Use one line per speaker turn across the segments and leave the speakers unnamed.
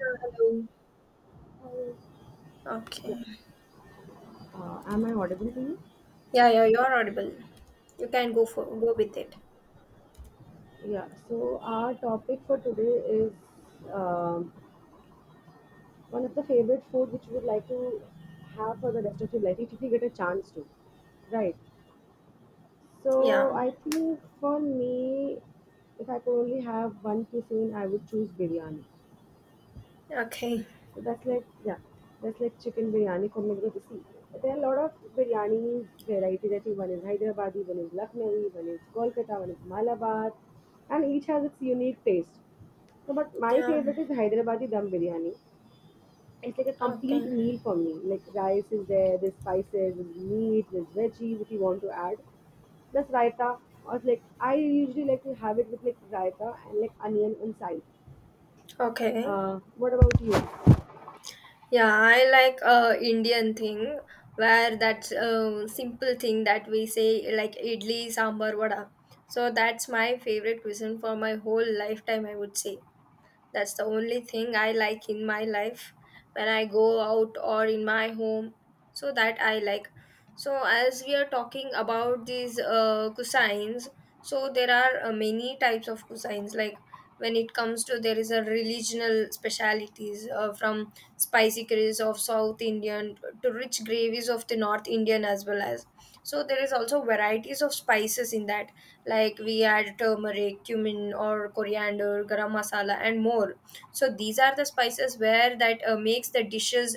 Hello.
Yeah.
Okay.
Am I audible to you?
Yeah, yeah, you're audible. You can go for go with it.
Yeah, so our topic for today is um, one of the favorite food which you would like to have for the rest of your life if you get a chance to. Right. So
Yeah.
I think for me, if I could only have one cuisine, I would choose biryani.
Okay.
So that's like yeah, that's like chicken biryani for me because you see, there are a lot of biryanis varieties. I think one is Hyderabadi, one is Lucknowi, one is Kolkata, one is Malabar, and each has its unique taste. So, but my
Yeah.
favorite is Hyderabadi dum biryani. It's like a complete
Okay.
meal for me. Like rice is there, there's spices, there's meat, there's veggies if you want to add plus raita or like I usually like to have it with like raita and like onion on side.
Okay.
What about you?
Yeah, I like Indian thing where that simple thing that we say like idli, sambar, vada. So that's my favorite cuisine for my whole lifetime, I would say. That's the only thing I like in my life when I go out or in my home. So that I like. So as we are talking about these cuisines, so there are many types of cuisines. Like when it comes to there is a regional specialities from spicy curries of South Indian to rich gravies of the North Indian as well as. So there is also varieties of spices in that, like we add turmeric, cumin, or coriander, garam masala, and more. So these are the spices where that makes the dishes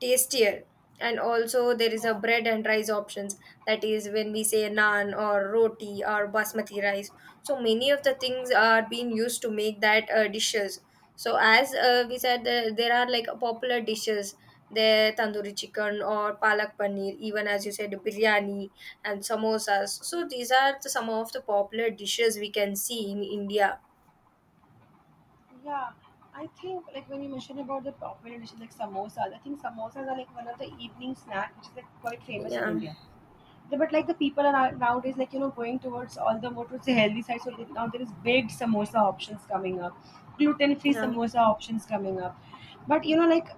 tastier. And also there is a bread and rice options. That is when we say naan or roti or basmati rice. So many of the things are being used to make that dishes. So as we said, there are like popular dishes. There tandoori chicken or palak paneer, even as you said, biryani and samosas. So these are the, some of the popular dishes we can see in India.
I think like when you mentioned about the popular dishes like samosas, I think samosas are like one of the evening snack which is like quite famous in
Yeah.
India. But like the people are nowadays like going towards all the more towards the healthy side, so that now there is baked samosa options coming up, gluten free
Yeah.
samosa options coming up. But like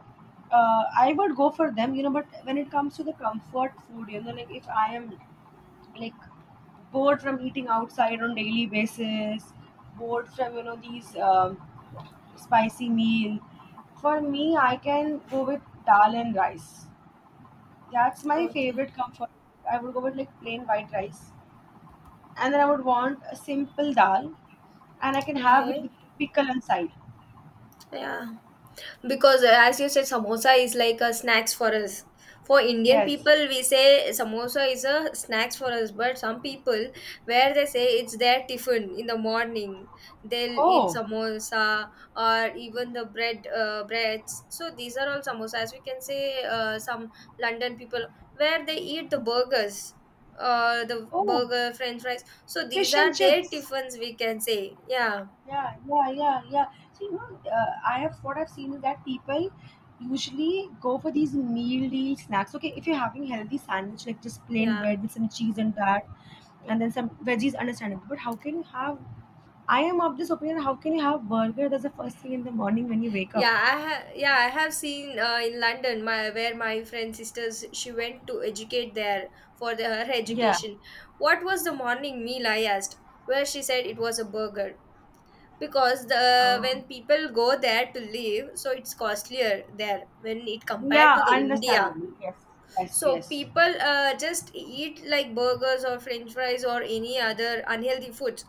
I would go for them. But when it comes to the comfort food, like if I am like bored from eating outside on daily basis bored from these spicy meal. For me, I can go with dal and rice. That's my
Okay.
favorite comfort. I would go with like plain white rice, and then I would want a simple dal, and I can have it
Okay.
with pickle inside.
Yeah. Because as you said, samosa is like a snacks for us. For Indian
Yes.
people, we say samosa is a snacks for us, but some people where they say it's their tiffin in the morning, they'll eat
Oh,
samosa or even the bread breads. So these are all samosas. We can say some London people where they eat the burgers. The
oh,
burger, French fries. So these
fish and
are their
chips.
tiffins, we can say. Yeah,
Yeah, yeah, yeah, yeah. So I have what I've seen is that people usually go for these meal deal snacks. Okay, if you're having healthy sandwich like just plain
yeah.
bread with some cheese and that, and then some veggies, understandable. But how can you have? I am of this opinion. How can you have burger? That's the first thing in the morning when you wake up.
Yeah, I have. Yeah, I have seen in London, my where my friend sisters she went to educate there for the, her
Yeah.
education. What was the morning meal? I asked. Where she said it was a burger because the
Oh.
when people go there to live, so it's costlier there when it compared
Yeah,
to the India.
understandable. Yes. Yes.
So
Yes.
people just eat like burgers or french fries or any other unhealthy foods.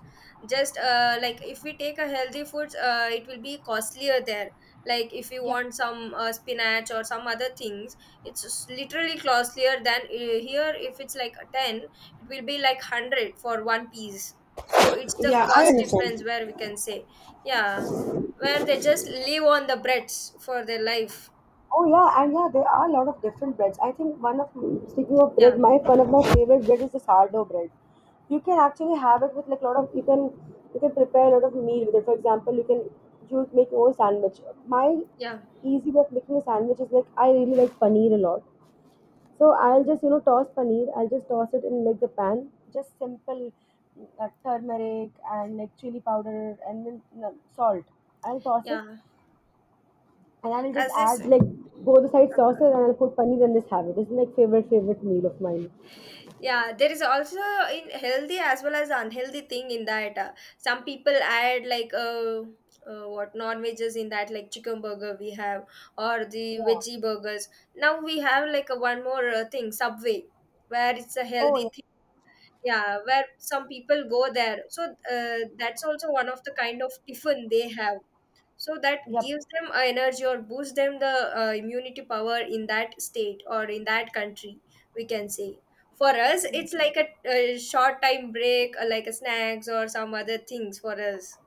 Just like if we take a healthy foods, it will be costlier there. Like if you
Yeah.
want some spinach or some other things, it's literally costlier than here. If it's like a 10, it will be like 100 for one piece. So it's the
Yeah, I
cost difference
understand.
where we can say, yeah, where they just live on the breads for their life.
Oh yeah, and yeah, there are a lot of different breads. I think one of speaking of bread,
Yeah,
my one of my favorite bread is the sourdough bread. You can actually have it with like a lot of you can prepare a lot of meal with it. For example, you make your own sandwich. My
yeah,
easy way of making a sandwich is like I really like paneer a lot, so I'll just toss paneer. I'll just toss it in like the pan, just simple turmeric and like chili powder and then salt. I'll toss it
yeah.
and I will just
As this,
add like both the side sauces and I'll put paneer and just have it. It's like favorite favorite meal of mine.
yeah, there is also in healthy as well as unhealthy thing in that. Some people add like what non-veggies in that, like chicken burger we have or the
Yeah.
veggie burgers. Now we have like a one more thing, Subway, where it's a
Oh, yeah.
healthy thing. Yeah, where some people go there. So that's also one of the kind of tiffin they have, so that
Yep.
gives them a energy or boosts them the immunity power in that state or in that country, we can say. For us
Yep.
it's like a short time break like a snacks or some other things for us.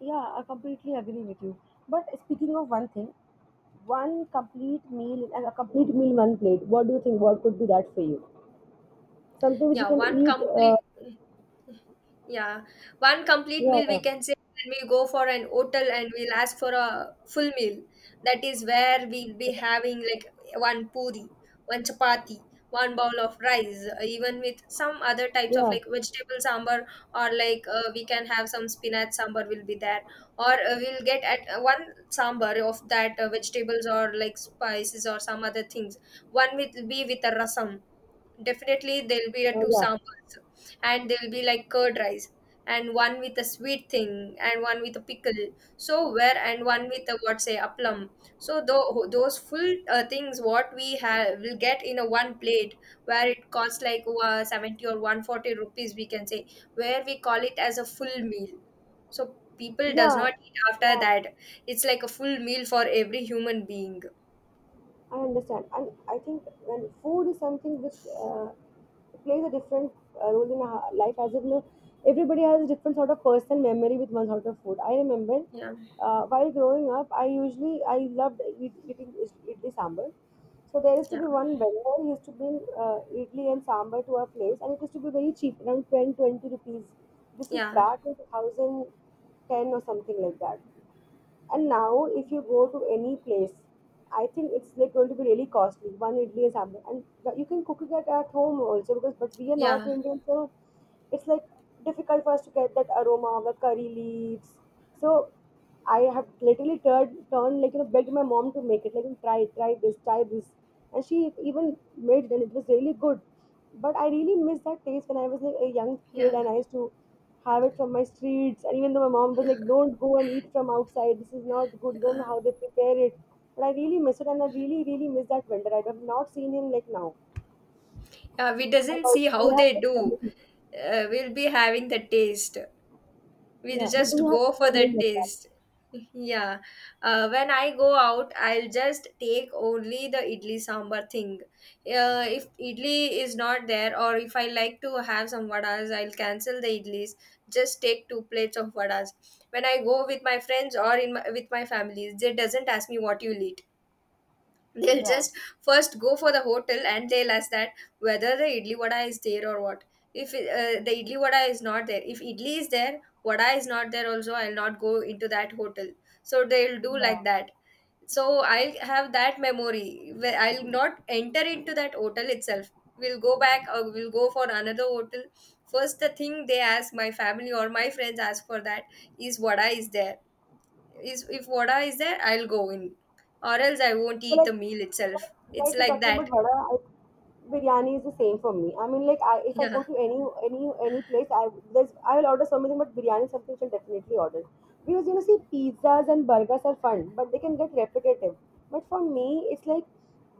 Yeah, I completely agree with you. But speaking of one thing, one complete meal and a complete meal one plate. What do you think? What could be that for you? Something which you
Yeah,
can
one
eat. Uh,
complete. Yeah, one complete meal
yeah,
we can say when we go for an hotel and we'll ask for a full meal. That is where we'll be having like one puri, one chapati, one bowl of rice, even with some other types of
yeah,
like vegetable sambar, or like we can have some spinach sambar will be there, or we'll get at one sambar of that vegetables or like spices or some other things. One will be with a rasam. Definitely there'll be a
yeah,
two
yeah,
sambars, and there will be like curd rice and one with a sweet thing and one with a pickle, so where and one with a what say plum. So those full things what we have will get in a one plate, where it costs like 70 or 140 rupees we can say, where we call it as a full meal, so people does
yeah,
not eat after
yeah.
that. It's like a full meal for every human being.
I understand, and I think when food is something which plays a different role in our life, as if you know, everybody has a different sort of personal memory with one sort of food. I remember
Yeah,
while growing up, I loved eating idli sambar. So there used to
yeah,
be one vendor. He used to bring idli and sambar to our place, and it used to be very cheap, around 10, 20 rupees. This is
yeah,
back in 2010 or something like that. And now, if you go to any place, I think it's like going to be really costly. One idli is hamper, and you can cook it at home also because. But we are North
yeah,
Indians, so it's like difficult for us to get that aroma of the curry leaves. So I have literally turned like begged my mom to make it like try this, and she even made it and it was really good. But I really miss that taste when I was like a young kid
yeah,
and I used to have it from my streets. And even though my mom was like, don't go and eat from outside. This is not good. You don't know
yeah.
how they prepare it. But I really miss it. And I really, really miss that vendor. I have not seen him like now.
Yeah, we doesn't
About,
see
we
how
have
they
such
do.
memories.
We'll be having the taste. We'll
Yeah. But do
just
you have
go for
this memory
the
like that?
taste. Yeah. When I go out, I'll just take only the idli sambar thing. If idli is not there, or if I like to have some vadas, I'll cancel the idlis. Just take two plates of vadas. When I go with my friends or in my, with my families, they doesn't ask me what you eat, they'll
Yeah.
just first go for the hotel and they'll ask that whether the idli vada is there or what. If the idli vada is not there, if idli is there vada is not there also, I'll not go into that hotel. So they'll do like that. So I'll have that memory where I'll not enter into that hotel itself. We'll go back or we'll go for another hotel. First the thing they ask, my family or my friends ask for that, is vada is there. Is if vada is there, I'll go in, or else I won't
So
eat the meal
like,
itself. It's
like, you're
like
talking about
that.
vada, biryani is the same for me. I mean, like, if I go
Yeah,
to any place, I will order something, but biryani is something which I'll definitely order. Because see, pizzas and burgers are fun, but they can get repetitive. But for me, it's like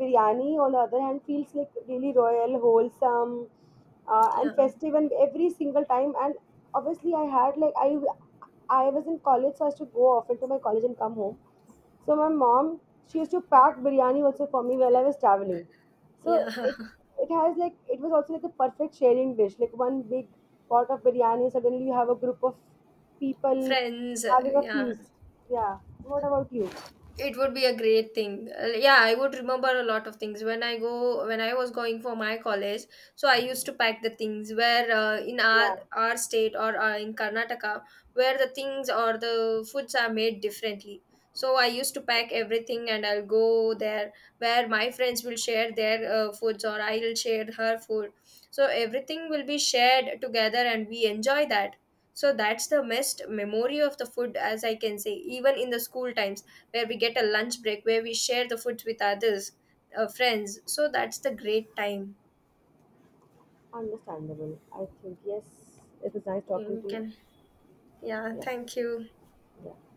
biryani. On the other hand, feels like really royal, wholesome, and
yeah,
festive, and every single time. And obviously, I was in college, so I used to go often to my college and come home, so my mom, she used to pack biryani also for me while I was traveling.
yeah.
So it was also like the perfect sharing dish. Like one big pot of biryani, suddenly you have a group of people
Friends,
having a
yeah.
feast. Yeah. What about you?
It would be a great thing. Yeah, I would remember a lot of things when I go when I was going for my college. So I used to pack the things where in
Yeah.
our state or in Karnataka, where the things or the foods are made differently. So I used to pack everything and I'll go there, where my friends will share their foods or I'll share her food. So everything will be shared together and we enjoy that. So that's the best memory of the food, as I can say, even in the school times where we get a lunch break, where we share the food with others, friends. So that's the great time.
Understandable. I think yes. It was nice talking
You
to you.
can, yeah,
Yeah.
thank you.
Yeah.